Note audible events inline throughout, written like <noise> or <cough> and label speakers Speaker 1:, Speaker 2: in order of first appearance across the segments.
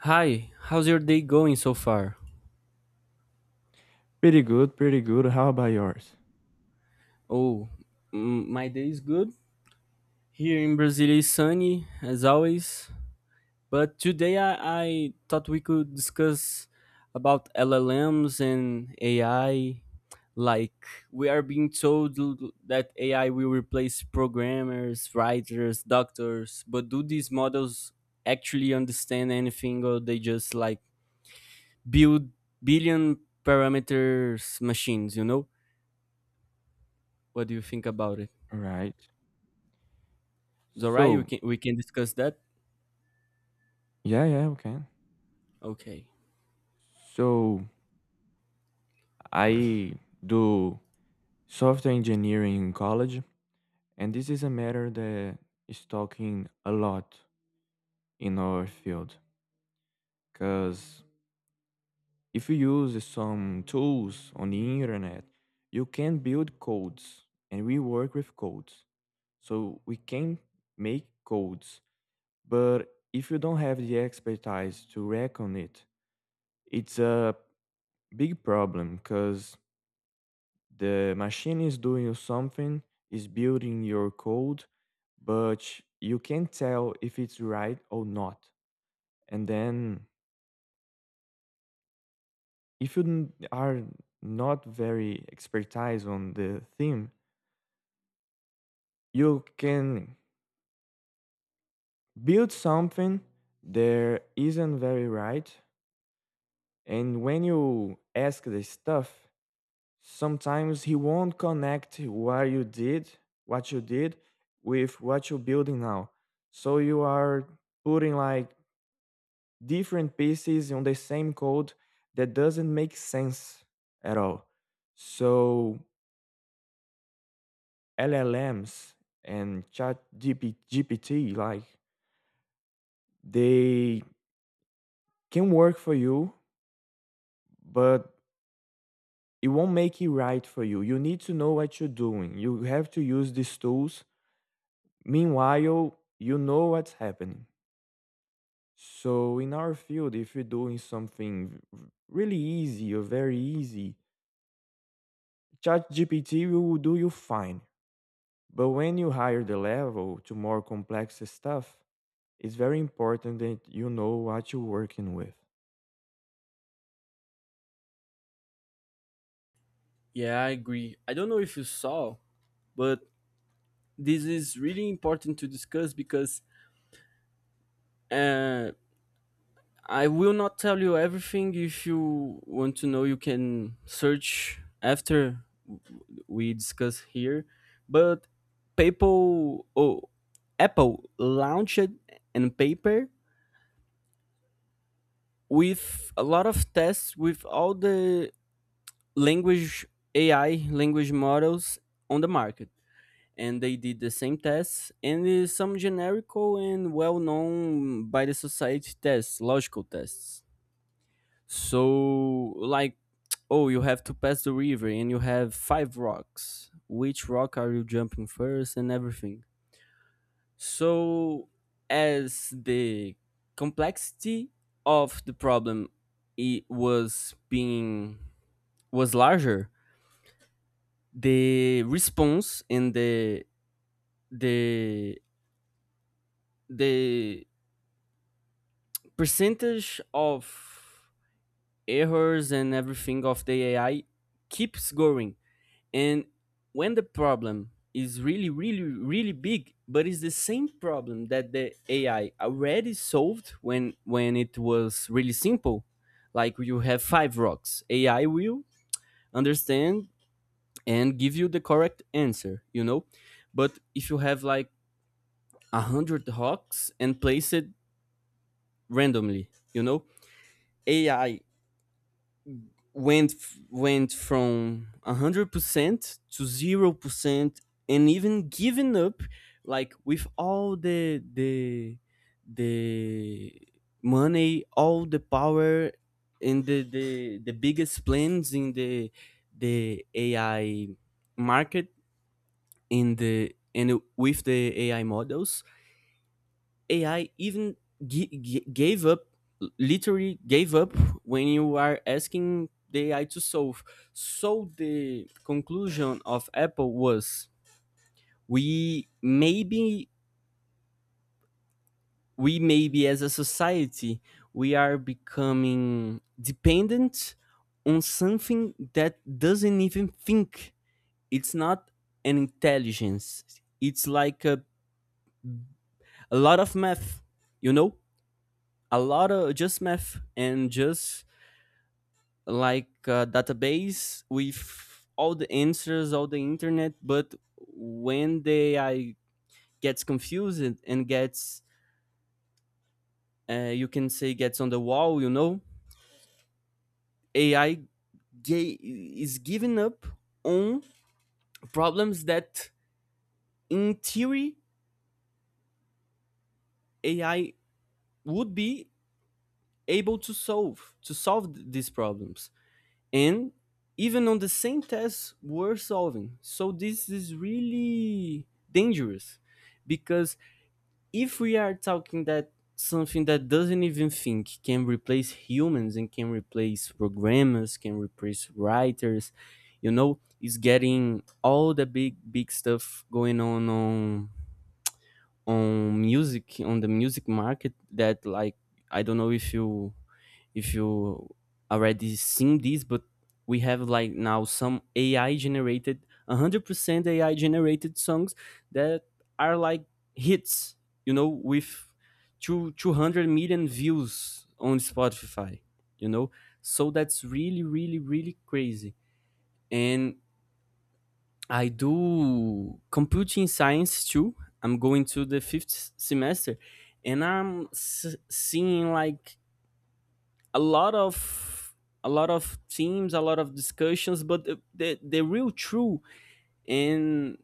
Speaker 1: Hi, how's your day going so far?
Speaker 2: Pretty good, pretty good. How about yours?
Speaker 1: Oh, mm, my day is good. Here in Brazil is sunny as always, but today I thought we could discuss about LLMs and AI. Like we are being told that AI will replace programmers, writers, doctors, but do these models actually understand anything or they just like build billion parameters machines, you know? What do you think about it?
Speaker 2: All right.
Speaker 1: It's alright.
Speaker 2: So,
Speaker 1: We can discuss that.
Speaker 2: yeah, yeah, we can.
Speaker 1: Okay.
Speaker 2: So, I do software engineering in college, and this is a matter that is talking a lot in our field. Because if you use some tools on the internet, you can build codes, and we work with codes. So, we can make codes, but if you don't have the expertise to work on it, it's a big problem because the machine is doing something, is building your code, but you can't tell if it's right or not. And then if you are not very expertise on the theme, you can build something that isn't very right. And when you ask the stuff, sometimes he won't connect what you did with what you're building now, so you are putting like different pieces on the same code that doesn't make sense at all. So llms and chat gpt, like, they can work for you, but it won't make it right for you. You need to know what you're doing. You have to use these tools. Meanwhile, you know what's happening. So, in our field, if you're doing something really easy or very easy, ChatGPT will do you fine. But when you higher the level to more complex stuff, it's very important that you know what you're working with.
Speaker 1: Yeah, I agree. I don't know if you saw, but this is really important to discuss because uh, I will not tell you everything. If you want to know, you can search after we discuss here. But people, oh, Apple launched an paper with a lot of tests with all the language AI language models on the market, and they did the same tests and some generical and well-known by the society tests, logical tests. So like, oh, you have to pass the river and you have five rocks. Which rock are you jumping first and everything? So as the complexity of the problem, it was being was larger, the response and the the percentage of errors and everything of the AI keeps going. And when the problem is really, really, really big, but it's the same problem that the AI already solved when it was really simple. Like you have five rocks, AI will understand and give you the correct answer, you know. But if you have like a hundred rocks and place it randomly, you know, AI went went from 100% to 0% and even giving up, like with all the the money, all the power, and the biggest plans in the AI market, in the and with the AI models, AI even gave up, literally gave up when you are asking the AI to solve. So the conclusion of Apple was, we maybe we maybe as a society we are becoming dependent on something that doesn't even think. It's not an intelligence. It's like a lot of math, you know? A lot of just math and just like a database with all the answers, all the internet. But when the AI gets confused and gets, you can say, gets on the wall, you know, AI is giving up on problems that, in theory, AI would be able to solve these problems, and even on the same tests we're solving. So this is really dangerous because if we are talking that something that doesn't even think can replace humans and can replace programmers, can replace writers, you know, is getting all the big stuff going on music, on the music market. That like, I don't know if you already seen this, but we have like now some AI generated, 100% AI generated songs that are like hits, you know, with 200 million views on Spotify, you know? So that's really, really, really crazy. And I do computing science too. I'm going to the fifth semester and I'm seeing like a lot of a lot of teams, a lot of discussions, but the real true. And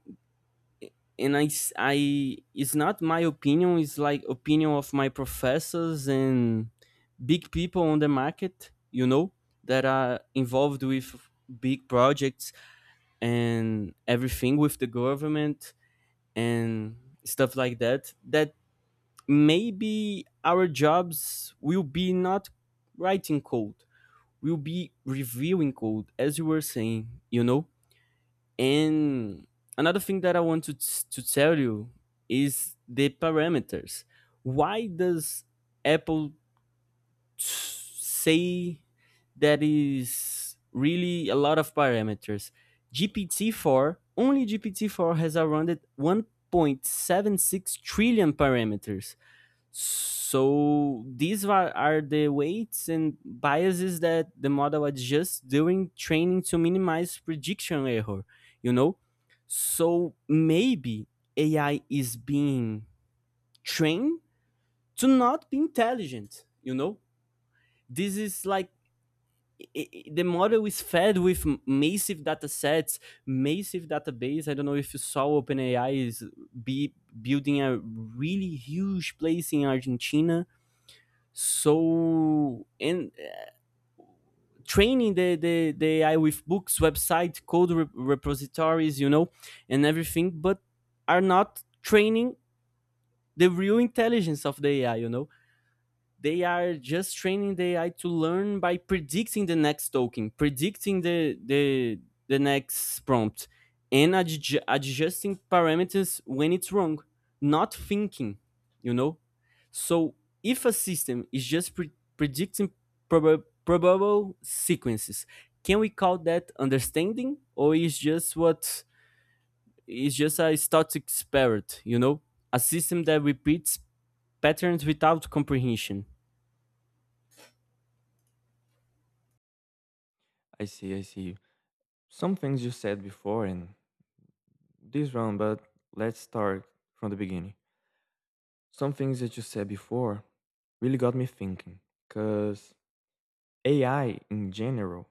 Speaker 1: it's not my opinion, it's like opinion of my professors and big people on the market, you know, that are involved with big projects and everything with the government and stuff like that, that maybe our jobs will be not writing code, will be reviewing code, as you were saying, you know? And another thing that I want to tell you is the parameters. Why does Apple say that is really a lot of parameters? GPT-4, only GPT-4 has around 1.76 trillion parameters. So these are the weights and biases that the model adjusts during training to minimize prediction error, you know? So maybe AI is being trained to not be intelligent, you know? This is like the model is fed with massive data sets, massive database. I don't know if you saw, OpenAI is be building a really huge place in Argentina, so in training the I with books, website, code repositories, you know, and everything, but are not training the real intelligence of the AI, you know. They are just training the AI to learn by predicting the next token, predicting the the next prompt, and adjusting parameters when it's wrong, not thinking, you know. So if a system is just predicting probable sequences, can we call that understanding, or is just what is just a static spirit, you know, a system that repeats patterns without comprehension?
Speaker 2: I see, I see. Some things you said before in this round, but let's start from the beginning. Some things that you said before really got me thinking because AI in general,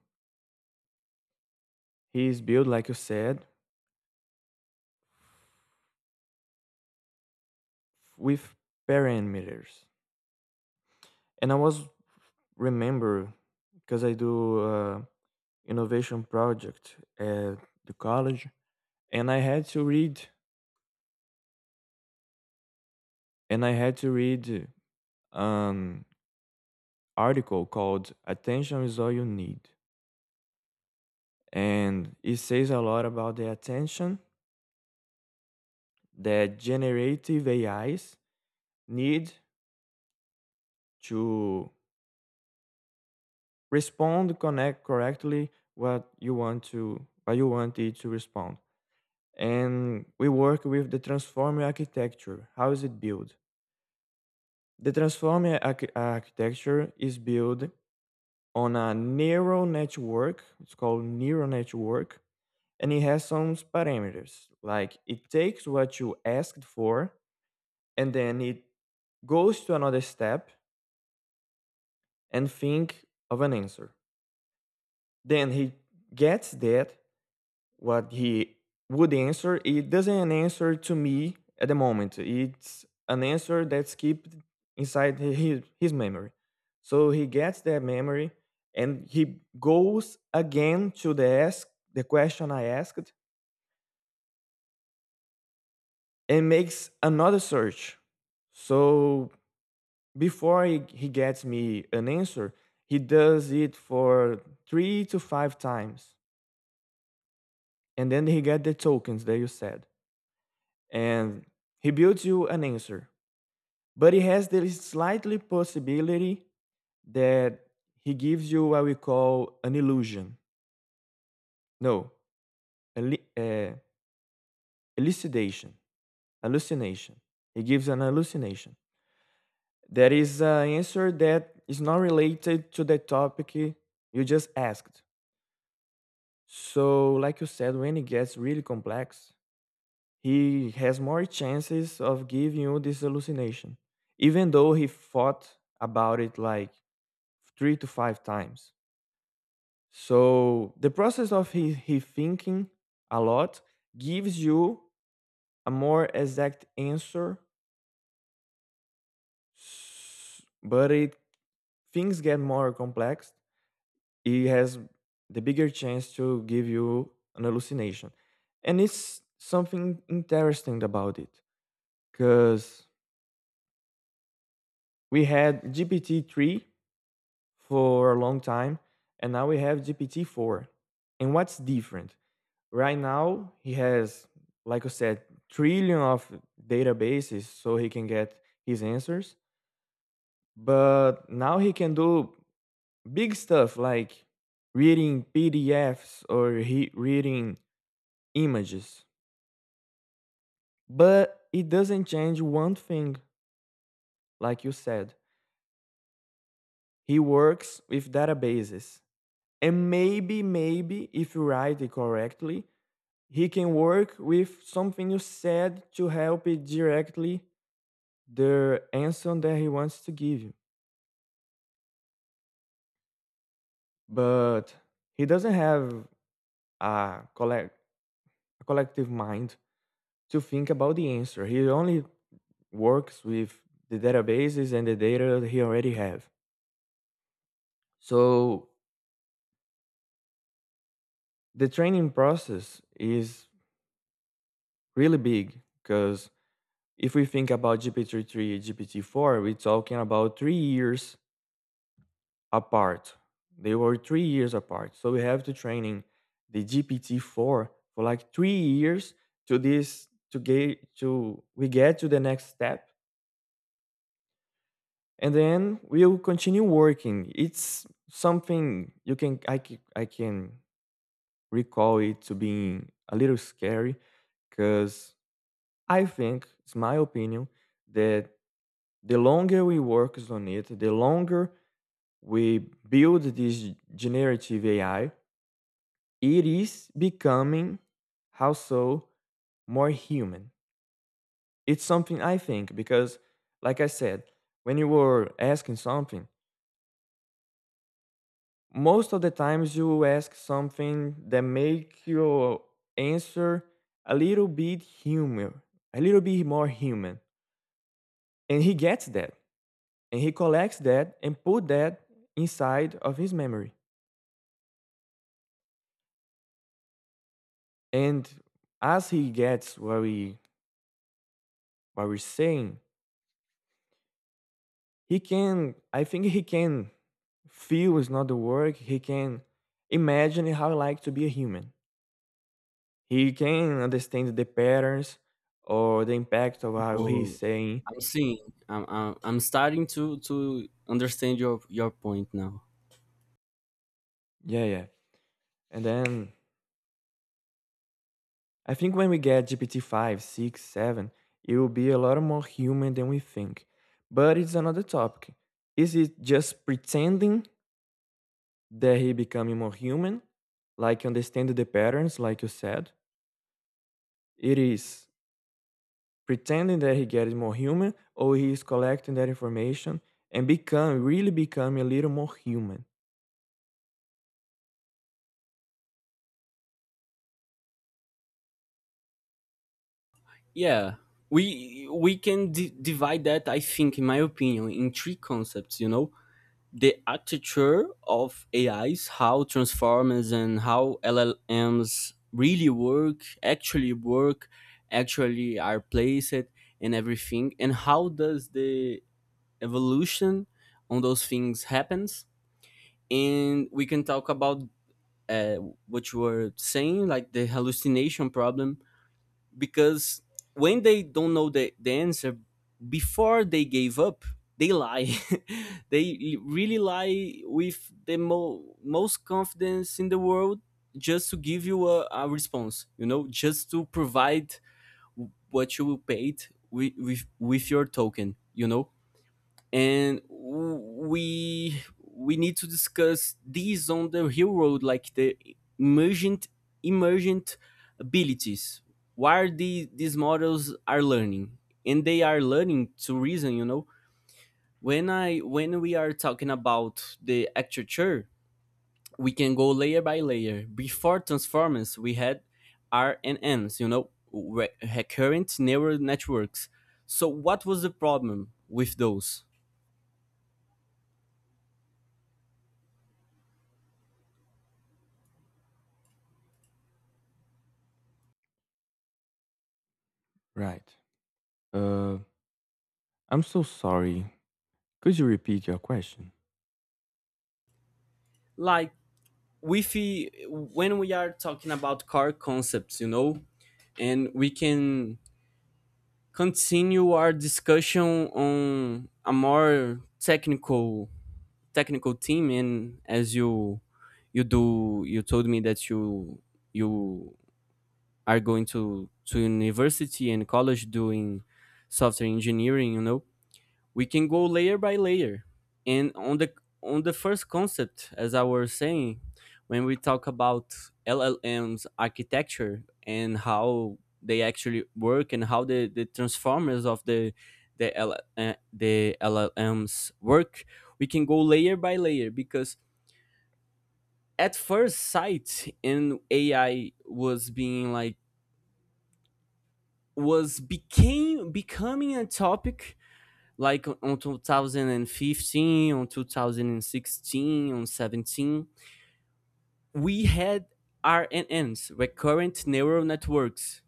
Speaker 2: he is built, like you said, with parameters. And I was remember because I do innovation project at the college, and I had to read and I had to read an article called "Attention is all you need," and it says a lot about the attention that generative AIs need to respond connect correctly what you want to what you want it to respond. And we work with the transformer architecture. How is it built? The transformer architecture is built on a neural network. It's called neural network, and it has some parameters. Like it takes what you asked for, and then it goes to another step and think of an answer. Then he gets that what he would answer. It doesn't an answer to me at the moment. It's an answer that's kept inside his memory. So he gets that memory, and he goes again to the ask the question I asked and makes another search. So before he gets me an answer, he does it for three to five times, and then he get the tokens that you said, and he builds you an answer. But it has the slightly possibility that he gives you what we call an illusion. No, eli- uh, elucidation, hallucination. He gives an hallucination. There is an answer that is not related to the topic you just asked. So, like you said, when it gets really complex, he has more chances of giving you this hallucination, even though he thought about it like three to five times. So the process of he thinking a lot gives you a more exact answer, but it things get more complex. It has the bigger chance to give you an hallucination, and it's something interesting about it because we had GPT-3 for a long time, and now we have GPT-4. And what's different? Right now he has, like I said, trillion of databases, so he can get his answers. But now he can do big stuff like reading PDFs or he reading images. But it doesn't change one thing. Like you said, he works with databases, and maybe if you write it correctly, he can work with something you said to help it directly, the answer that he wants to give you. But he doesn't have a, collect, a collective mind to think about the answer. He only works with the databases and the data that he already have. So the training process is really big because if we think about GPT-3, GPT-4, we're talking about 3 years apart. They were 3 years apart. So we have to training the GPT-4 for like 3 years to this to get to we get to the next step, and then we'll continue working. It's something you can I can, I can recall it to being a little scary because I think it's my opinion that the longer we work on it, the longer we build this generative AI, it is becoming how so more human. It's something I think because, like I said, when you were asking something, most of the times you ask something that make your answer a little bit human, a little bit more human, and he gets that, and he collects that and put that inside of his memory. And as he gets what we're saying, he can, I think he can feel is not the word, he can imagine how it like to be a human. He can understand the patterns or the impact of how he's
Speaker 1: Oh,
Speaker 2: saying.
Speaker 1: I'm seeing. I'm starting to understand your point now.
Speaker 2: Yeah, yeah. And then I think when we get GPT-5, 6, 7, it will be a lot more human than we think, but it's another topic. Is it just pretending that he becoming more human, like understand the patterns, like you said? It is pretending that he gets more human, or he is collecting that information and become really becoming a little more human.
Speaker 1: Yeah, we can divide that, I think, in my opinion, in three concepts. You know, the architecture of AIs, how transformers and how LLMs really work, actually are placed, and everything, and how does the evolution on those things happens. And we can talk about uh, what you were saying, like the hallucination problem, because when they don't know the answer, before they gave up, they lie. <laughs> They really lie with the most confidence in the world, just to give you a response, you know, just to provide what you paid with, with your token, you know. And we need to discuss these on the real world, like the emergent emergent abilities. Why are the, these models are learning, and they are learning to reason. You know, when I when we are talking about the architecture, we can go layer by layer. Before transformers, we had RNNs. You know, recurrent neural networks. So what was the problem with those?
Speaker 2: Right. Uh, I'm so sorry. Could you repeat your question?
Speaker 1: Like with when we are talking about car concepts, you know, and we can continue our discussion on a more technical technical team. And as you you do you told me that you are going to university and college doing software engineering, you know, we can go layer by layer. And on the first concept, as I was saying, when we talk about LLMs architecture and how they actually work and how the transformers of L, the LLMs work, we can go layer by layer because at first sight, and AI was being like was became becoming a topic like on 2015, on 2016, on 17, we had RNNs, recurrent neural networks.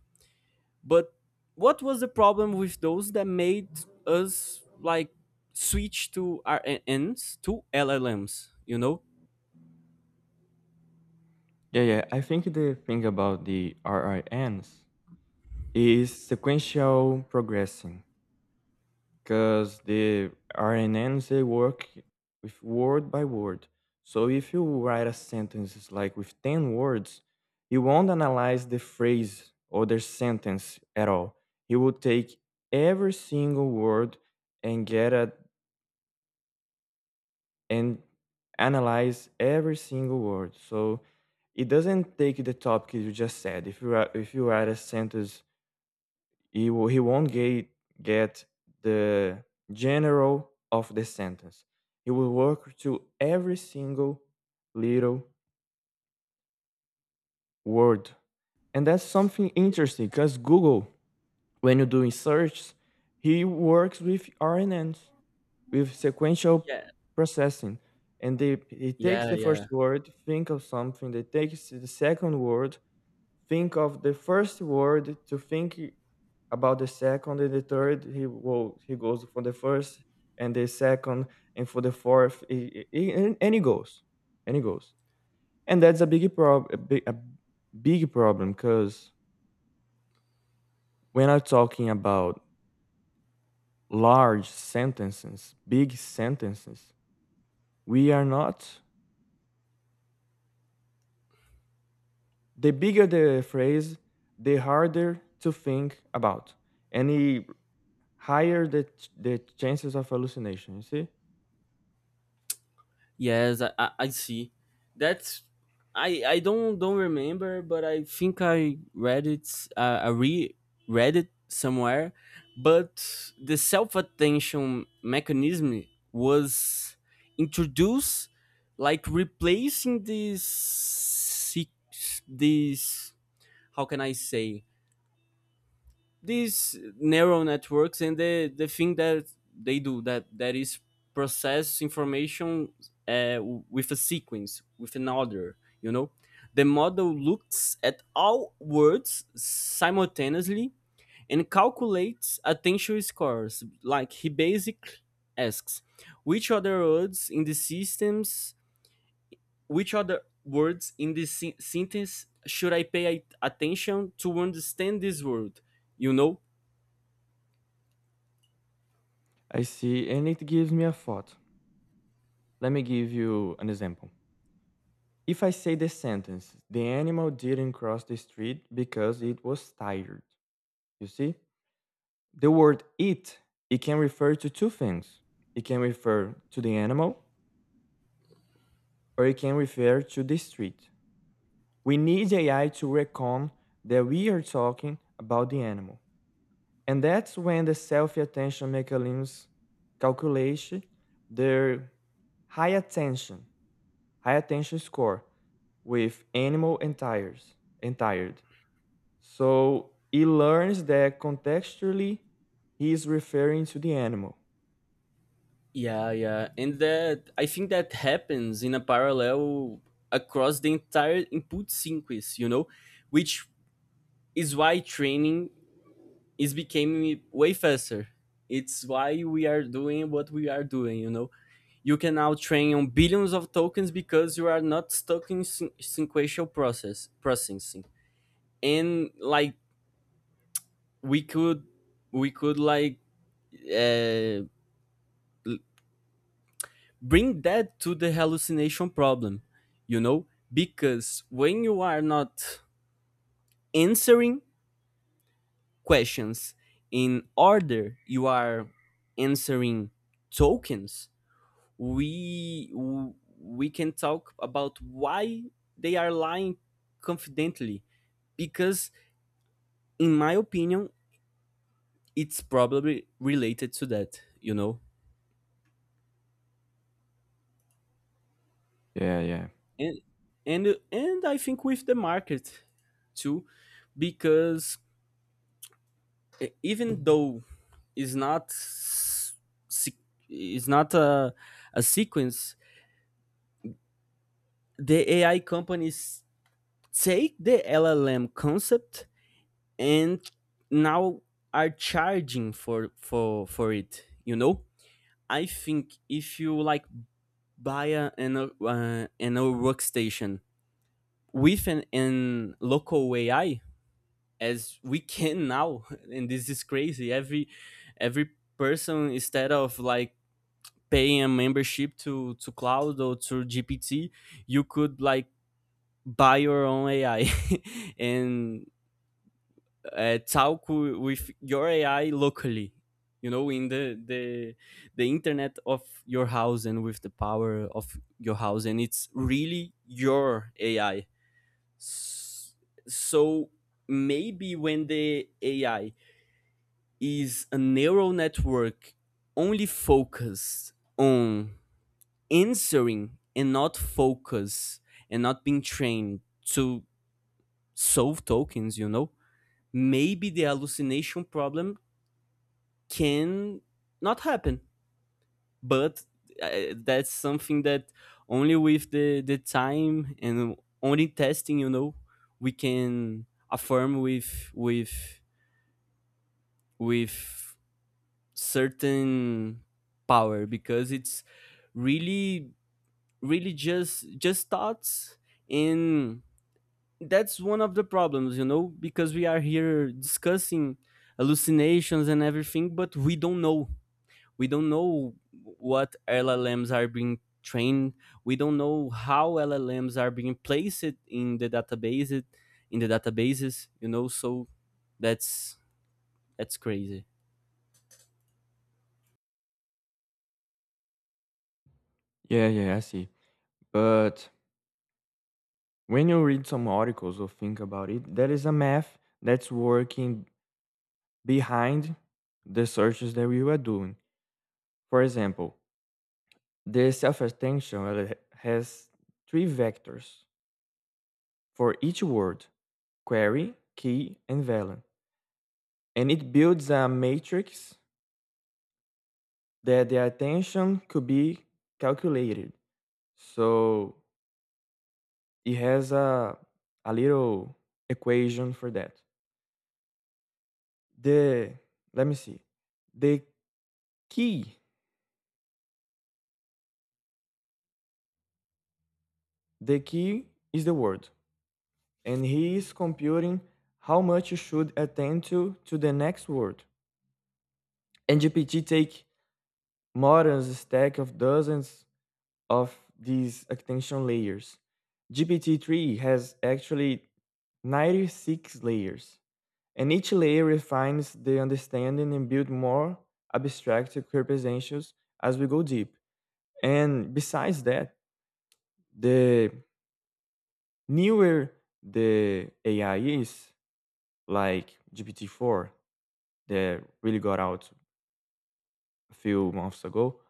Speaker 1: But what was the problem with those that made us like switch to RNNs to LLMs? You know?
Speaker 2: Yeah, yeah. I think the thing about the RINs is sequential progressing. Because the RNNs they work with word by word. So if you write a sentence like with 10 words, he won't analyze the phrase or the sentence at all. He will take every single word and get a and analyze every single word. So it doesn't take the topic you just said. If you write a sentence, he won't get the general of the sentence. He will work to every single little word. And that's something interesting because Google, when you do search, he works with RNNs, with sequential
Speaker 1: Yeah,
Speaker 2: processing. And they, he takes
Speaker 1: yeah,
Speaker 2: the
Speaker 1: yeah.
Speaker 2: first word, think of something, they takes the second word, think of the first word to think about the second, and the third he goes for the first and the second, and for the fourth and he goes, and that's a big problem because when I'm talking about large sentences, big sentences, we are not, the bigger the phrase, the harder to think about, and he higher the chances of hallucination, you see.
Speaker 1: Yes, I see. That's, I I don't remember, but I think I read it. I re read it somewhere. But the self attention mechanism was introduced, like replacing this how can I say, these neural networks and the thing that they do, that is process information, uh, with a sequence, with an order, you know. The model looks at all words simultaneously and calculates attention scores. Like he basically asks, which other words in the systems which other words in this sentence should I pay attention to understand this word, you know.
Speaker 2: I see, and it gives me a thought. Let me give you an example. If I say the sentence, the animal didn't cross the street because it was tired, you see? The word it, it can refer to two things. It can refer to the animal or it can refer to the street. We need AI to reckon that we are talking about the animal. And that's when the self-attention mechanisms calculate their high attention high attention score with animal and tires and tired. So he learns that contextually he is referring to the animal.
Speaker 1: Yeah, yeah. And that, I think that happens in a parallel across the entire input sequence, you know, which is why training is becoming way faster. It's why we are doing what we are doing, you know. You can now train on billions of tokens because you are not stuck in sequential processing. And like, we could we could, like, uh, bring that to the hallucination problem, you know, because when you are not answering questions in order, you are answering tokens. We can talk about why they are lying confidently, because in my opinion it's probably related to that, you know.
Speaker 2: Yeah, yeah.
Speaker 1: And and and I think with the market too, because even though it's not se- it's not a, a sequence, the ai companies take the LLM concept, and now are charging for for it, you know. I think if you like buy a, an old workstation with an local AI, as we can now, <laughs> and this is crazy, every person instead of like paying a membership to cloud or to GPT, you could like buy your own AI, <laughs> and talk with your AI locally, you know, in the the internet of your house and with the power of your house, and it's really your AI. So maybe when the ai is a neural network only focused on answering and not focus and not being trained to solve tokens, you know, maybe the hallucination problem can not happen. But that's something that only with the time and only testing, you know, we can affirm with certain power because it's really really just thoughts and that's one of the problems, you know, because we are here discussing hallucinations and everything, but we don't know. We don't know what LLMs are being trained. We don't know how LLMs are being placed in the database, in the databases, you know. So that's that's crazy.
Speaker 2: Yeah, yeah, I see. But when you read some articles or think about it, there is a math that's working behind the searches that we were doing. For example, the self attention has three vectors for each word, query, key, and value, and it builds a matrix that the attention could be calculated. So it has a little equation for that. The Let me see. The key, the key is the word, and he is computing how much you should attend to the next word. And GPT take Moran's stack of dozens of these extension layers. GPT-3 has actually 96 layers, and each layer refines the understanding and builds more abstract representations as we go deep. And besides that, the newer the AI is, like GPT-4 that really got out a few months ago,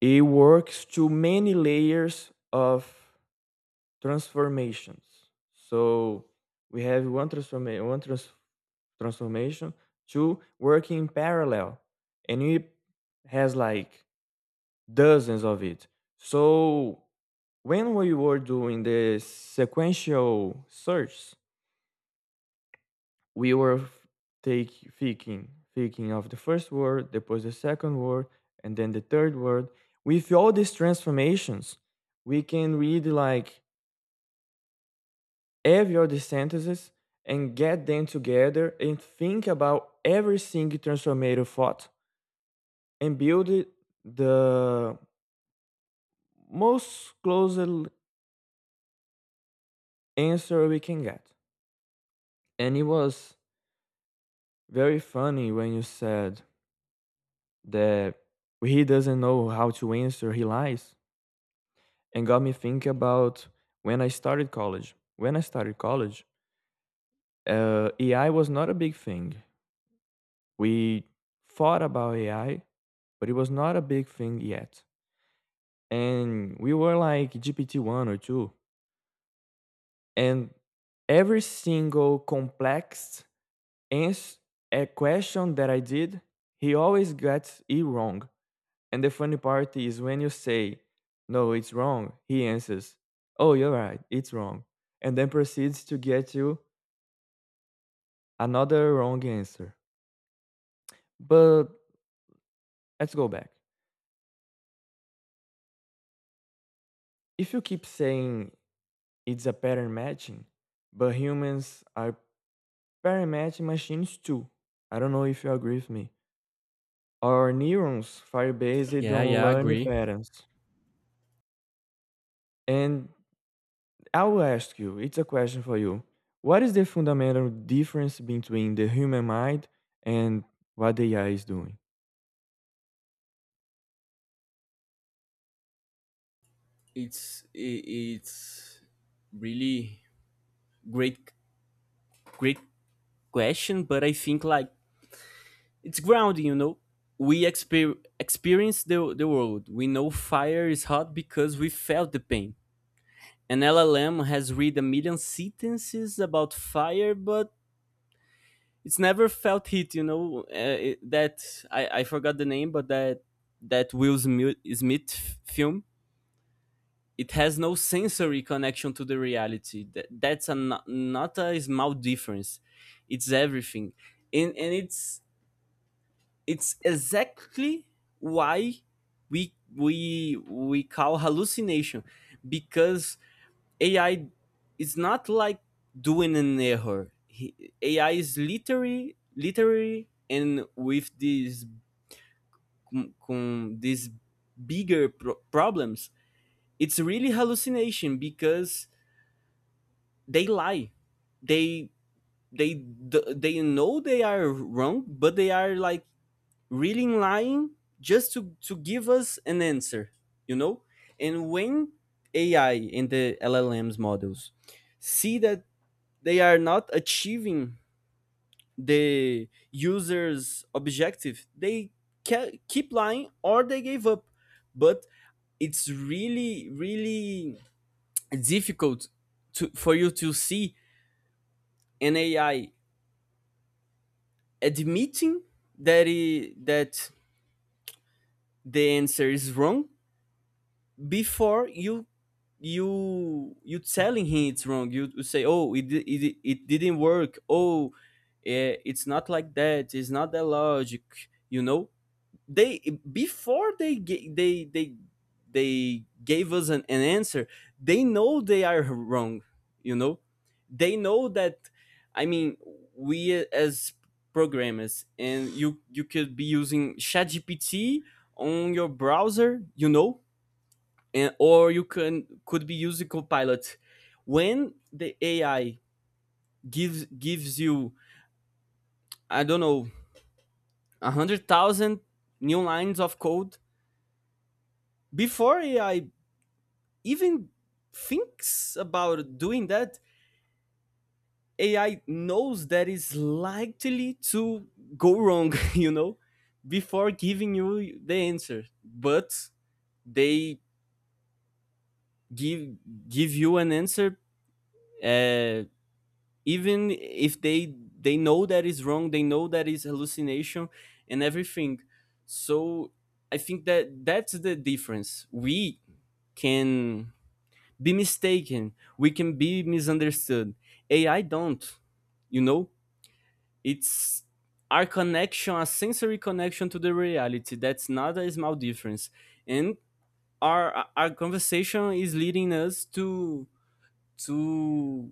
Speaker 2: it works to many layers of transformations. So we have one transformation, two working in parallel, and it has like dozens of it. So when we were doing the sequential search, we were f- take thinking thinking of the first word, then the second word, and then the third word. With all these transformations, we can read like have your sentences and get them together and think about every single transformative thought and build the most closest answer we can get. And it was very funny when you said that he doesn't know how to answer, he lies. And got me thinking about when I started college. When I started college, AI was not a big thing. We thought about AI, but it was not a big thing yet. And we were like GPT one or two, and every single complex ans- a question that I did, he always gets it wrong. And the funny part is when you say, "No, it's wrong," he answers, "Oh, you're right, it's wrong," and then proceeds to get you another wrong answer. But let's go back. If you keep saying it's a pattern matching, but humans are very matching machines too. I don't know if you agree with me. Our neurons fire based
Speaker 1: Yeah,
Speaker 2: on
Speaker 1: yeah, I
Speaker 2: learning
Speaker 1: agree.
Speaker 2: patterns. And I will ask you, it's a question for you. What is the fundamental difference between the human mind and what the AI is doing?
Speaker 1: It's i- it's really great great question, but I think like it's grounding, you know, we experience the world. We know fire is hot because we felt the pain. An LLM has read a million sentences about fire, but it's never felt heat, you know. That I forgot the name, but that Will Smith film, it has no sensory connection to the reality. That's a not a small difference. It's everything. And it's exactly why we call hallucination, because AI is not like doing an error. AI is literally, and with these these bigger problems, it's really hallucination because they lie. They they they know they are wrong, but they are like really lying just to give us an answer, you know? And when AI and the LLMs models see that they are not achieving the user's objective, they keep lying or they gave up. But it's really difficult for you to see an AI admitting that the answer is wrong before you you telling him it's wrong. You say, "Oh, it didn't work." Oh it's not like that. It's not that logic, you know. They, before they they gave us an answer, they know they are wrong, you know. They know that. I mean, we as programmers, and you could be using ChatGPT on your browser, you know. And or you can could be using Copilot. When the AI gives you, I don't know, 100,000 new lines of code, before AI even thinks about doing that, AI knows that is likely to go wrong, <laughs> you know, before giving you the answer. But they give give you an answer, uh, even if they know that is wrong. They know that is hallucination and everything. So I think that that's the difference. We can be mistaken, we can be misunderstood. AI don't, you know. It's our connection, a sensory connection, to the reality. That's not a small difference. And our conversation is leading us to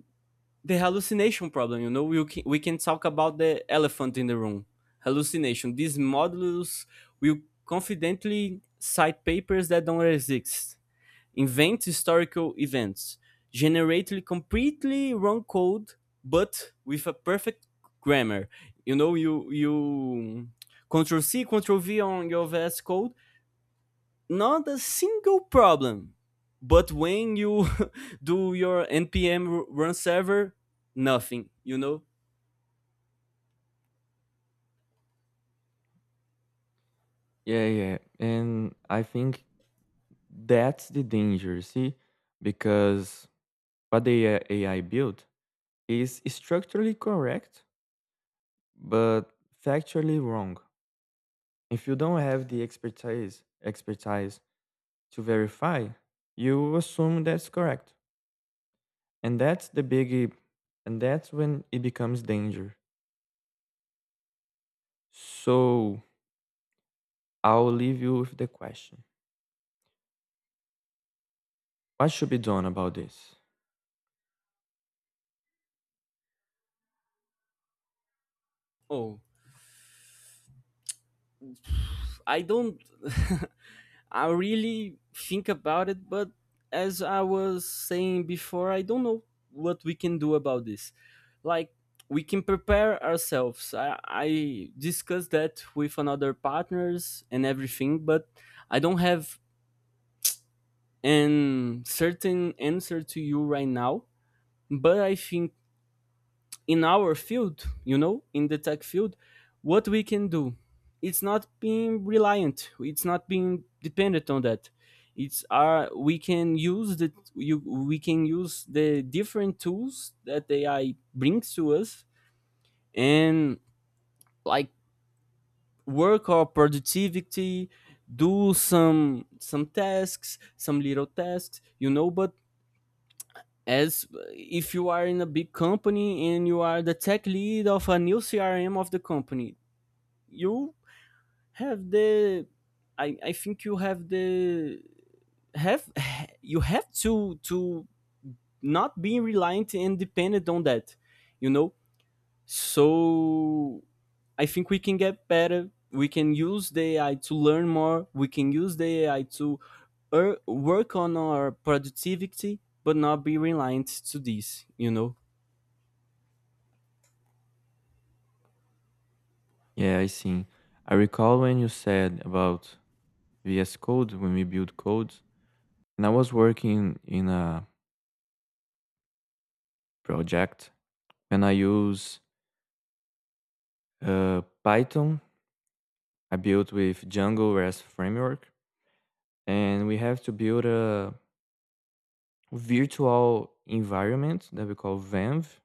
Speaker 1: the hallucination problem. You know, we can talk about the elephant in the room, hallucination. These models will confidently cite papers that don't exist, invent historical events, generate completely wrong code, but with a perfect grammar. You know, you Control C, Control V on your VS Code, not a single problem. But when you <laughs> do your npm run server, nothing, you know?
Speaker 2: Yeah, yeah. And I think that's the danger, see? Because what the AI built is structurally correct, but factually wrong. If you don't have the expertise to verify, you assume that's correct. And that's the big, and that's when it becomes danger. So I'll leave you with the question, what should be done about this?
Speaker 1: Oh, I don't. <laughs> I really think about it, but as I was saying before, I don't know what we can do about this. Like, we can prepare ourselves. I discussed that with another partners and everything, but I don't have an certain answer to you right now. But I think in our field, you know, in the tech field, what we can do, it's not being reliant, it's not being dependent on that. It's our, we can use the you we can use the different tools that AI brings to us and like work our productivity, do some tasks, some little tasks, you know. But as, if you are in a big company and you are the tech lead of a new CRM of the company, you have the, I think you have the have <laughs> you have to not be reliant and dependent on that, you know. So I think we can get better. We can use the AI to learn more. We can use the AI to, work on our productivity, but not be reliant to this, you know.
Speaker 2: Yeah, I see. I recall when you said about VS Code when we build codes, and I was working in a project and I use Python. I built with Django as framework, and we have to build a virtual environment that we call VANV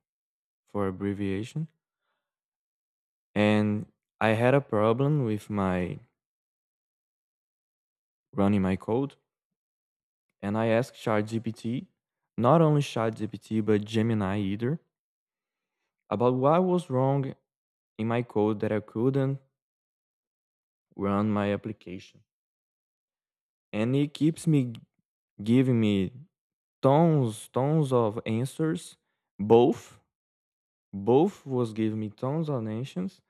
Speaker 2: for abbreviation. And I had a problem with my running my code, and I asked ChatGPT, not only ChatGPT but Gemini either, about what was wrong in my code that I couldn't run my application. And it keeps me giving me tons, tons of answers. Both, both was giving me tons of answers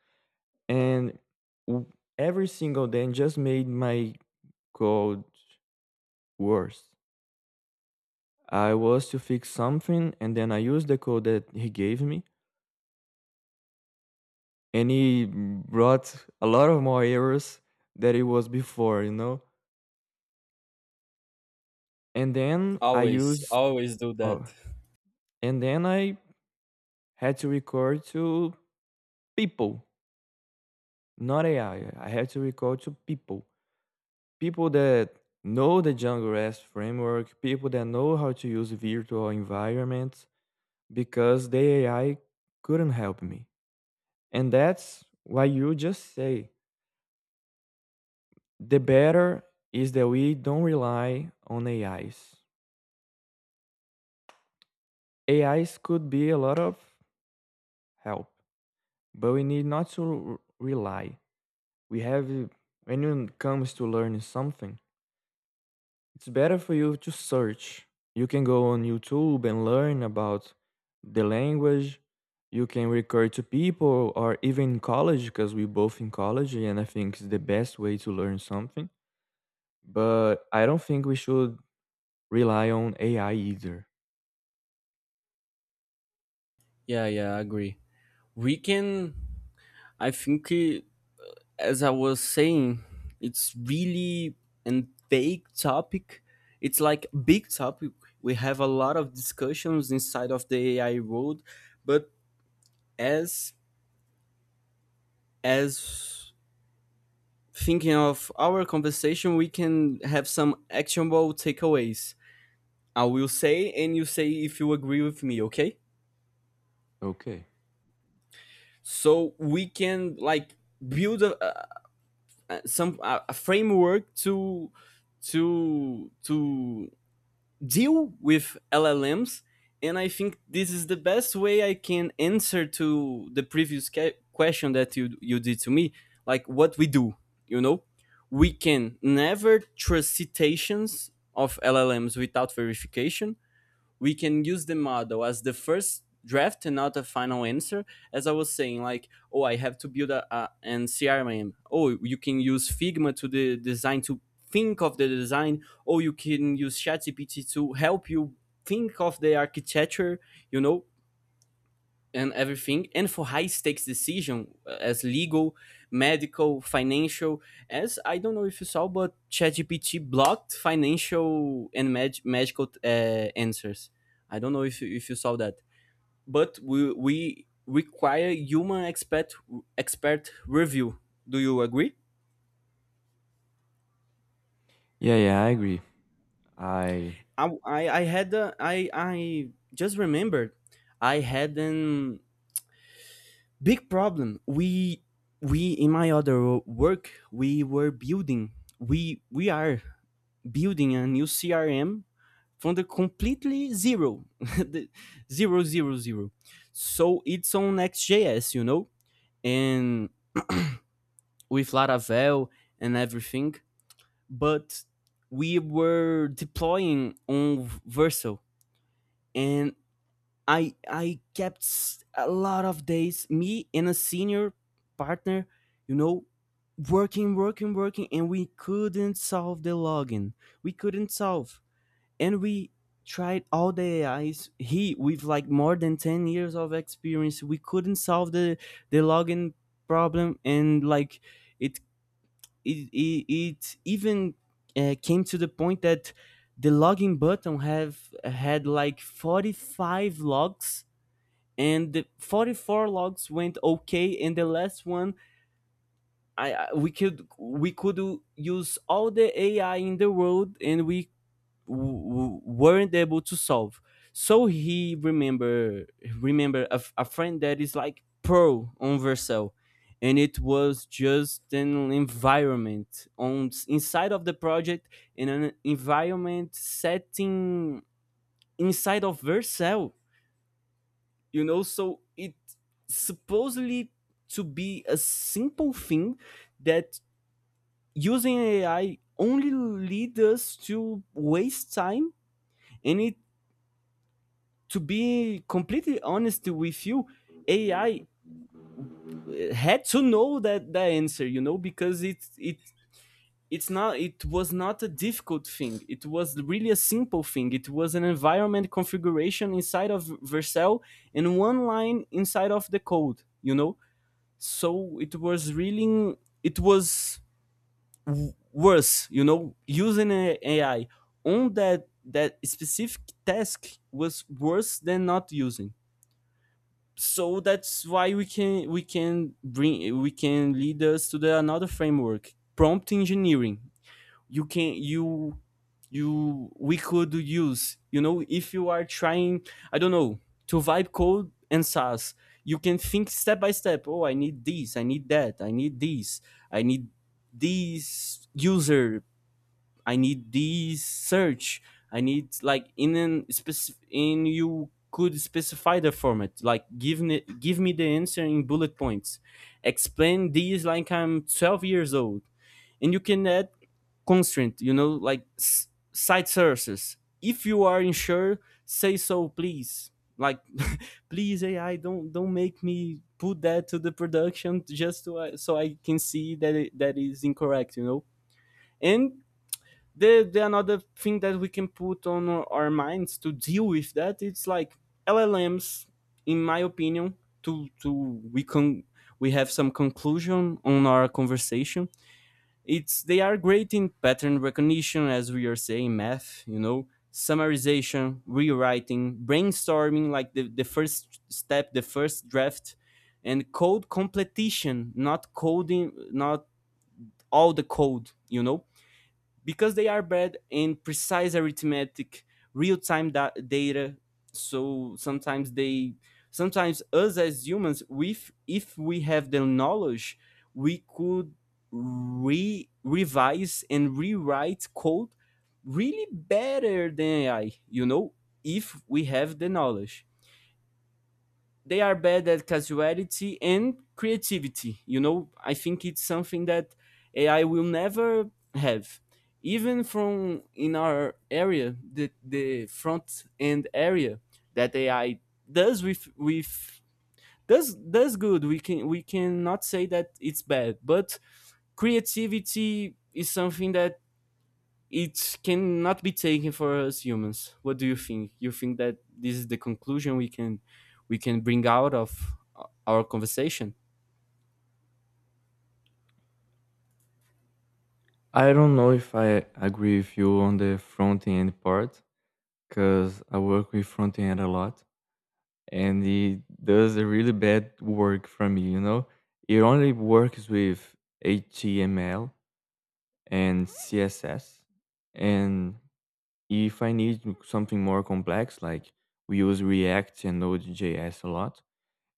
Speaker 2: and w- every single day just made my code worse. I was to fix something, and then I used the code that he gave me, and he brought a lot of more errors that it was before, you know. And then I
Speaker 1: Always,
Speaker 2: used,
Speaker 1: always do that.
Speaker 2: oh, and then I had to record to people, not AI. I had to record to people, people that know the Django REST framework, people that know how to use virtual environments, because the AI couldn't help me. And that's why you just say the better is that we don't rely on AIs. AIs could be a lot of help, but we need not to rely. We have, when it comes to learning something, it's better for you to search. You can go on YouTube and learn about the language. You can recur to people or even college because we both in college and I think it's the best way to learn something. But I don't think we should rely on AI either.
Speaker 1: Yeah, yeah, I agree. We can, I think, as I was saying, it's really a big topic. It's like big topic. We have a lot of discussions inside of the AI world, but as as thinking of our conversation, we can have some actionable takeaways. I will say, and you say if you agree with me, okay?
Speaker 2: Okay.
Speaker 1: So we can like build a, some a framework to deal with LLMs. And I think this is the best way I can answer to the previous question that you did to me, like what we do. You know, we can never trust citations of LLMs without verification. We can use the model as the first draft and not a final answer. As I was saying, like, oh, I have to build a an CRM. Oh, you can use Figma to the design to think of the design. Oh, you can use ChatGPT to help you think of the architecture. You know, and everything. And for high stakes decision, as legal, medical, financial, as, I don't know if you saw, but ChatGPT blocked financial and medical, answers. I don't know if if you saw that. But we require human expert review. Do you agree?
Speaker 2: Yeah, yeah, I agree. I
Speaker 1: I had a, I just remembered, I had an big problem. We in my other work, we were building, we are building a new CRM from the completely zero. <laughs> The zero, zero, zero. So it's on XJS, you know, and with Laravel and everything. But we were deploying on Verso, and I kept a lot of days, me and a senior partner, you know, working, working, working, and we couldn't solve the login. We couldn't solve, and we tried all the AIs. He with like more than 10 years of experience, we couldn't solve the login problem. And like it it even, came to the point that the login button have had like 45 logs, and the 44 logs went okay, and the last one, I we could, use all the AI in the world, and we w- weren't able to solve. So he remember, a, a friend that is like pro on Vercel. And it was just an environment on inside of the project, in an environment setting inside of Vercel, you know. So it supposedly to be a simple thing, that using AI only lead us to waste time. And it, to be completely honest with you, AI had to know that the answer, you know, because it's not, it was not a difficult thing. It was really a simple thing. It was an environment configuration inside of Vercel and one line inside of the code, you know. So it was really, it was worse, you know, using AI on that specific task was worse than not using. So that's why we can bring, we can lead us to the another framework: prompt engineering. You can you you, we could use, you know, if you are trying, I don't know, to vibe code and SAS, you can think step by step. Oh, I need this I need that, I need this, I need this user, I need this search, I need like in an specific in, you could specify the format, like give me the answer in bullet points. Explain this like I'm 12 years old. And you can add constraint, you know, like site sources. If you are unsure, say so, please. Like, <laughs> please AI, don't make me put that to the production just to, so I can see that that is incorrect, you know. And the another thing that we can put on our minds to deal with that, it's like LLMs, in my opinion, to we can, we have some conclusion on our conversation. It's, they are great in pattern recognition, as we are saying, math, you know, summarization, rewriting, brainstorming, like the first step, the first draft, and code completion, not coding, not all the code, you know. Because they are bred in precise arithmetic, real-time data. So sometimes they, sometimes us as humans, with, if we have the knowledge, we could re revise and rewrite code really better than AI, you know, if we have the knowledge. They are bad at casuality and creativity. You know, I think it's something that AI will never have. Even from in our area, the front end area that AI does with does good. We can, we cannot say that it's bad, but creativity is something that it cannot be taken for us humans. What do you think? You think that this is the conclusion we can bring out of our conversation?
Speaker 2: I don't know if I agree with you on the front end part because I work with front end a lot, and it does a really bad work for me, you know? It only works with HTML and CSS. And if I need something more complex, like we use React and Node.js a lot,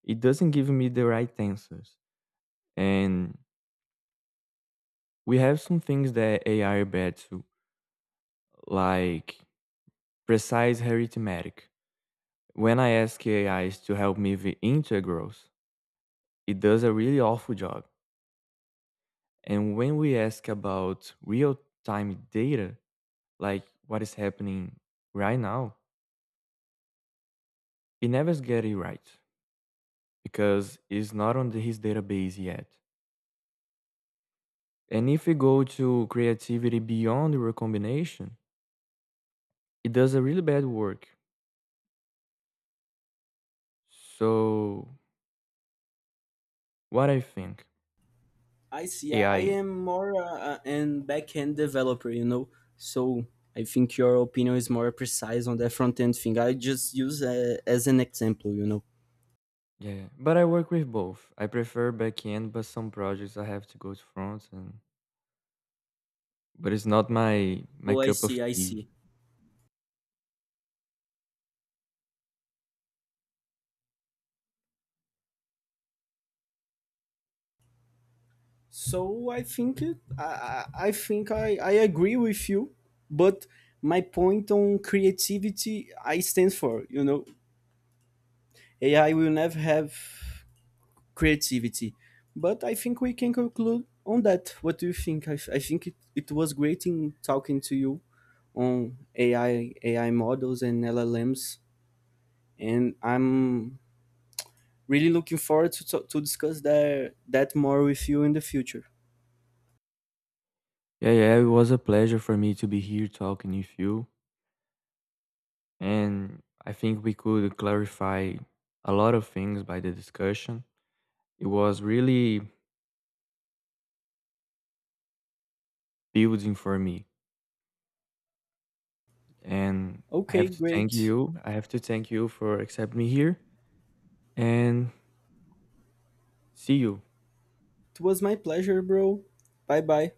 Speaker 2: it doesn't give me the right answers. And we have some things that AI are bad too, like precise arithmetic. When I ask AIs to help me with integrals, it does a really awful job. And when we ask about real time data, like what is happening right now, he never gets it right because it's not on his database yet. And if we go to creativity beyond recombination, it does a really bad work. So, what I think?
Speaker 1: I see. I
Speaker 2: AI.
Speaker 1: am more an back-end developer, you know. So I think your opinion is more precise on the front-end thing. I just use, as an example, you know.
Speaker 2: Yeah, but I work with both. I prefer backend, but some projects I have to go to front, and but it's not my
Speaker 1: Oh, I
Speaker 2: cup of
Speaker 1: see. I
Speaker 2: tea.
Speaker 1: see. So I think it, I think I agree with you, but my point on creativity I stand for, you know. AI will never have creativity. But I think we can conclude on that. What do you think? I think it was great in talking to you on AI models and LLMs, and I'm really looking forward to discuss that more with you in the future.
Speaker 2: Yeah, yeah, it was a pleasure for me to be here talking with you. And I think we could clarify a lot of things by the discussion. It was really building for me. And I
Speaker 1: Okay,
Speaker 2: have to thank
Speaker 1: great.
Speaker 2: you. I have to thank you for accepting me here and see you.
Speaker 1: It was my pleasure, bro. Bye bye.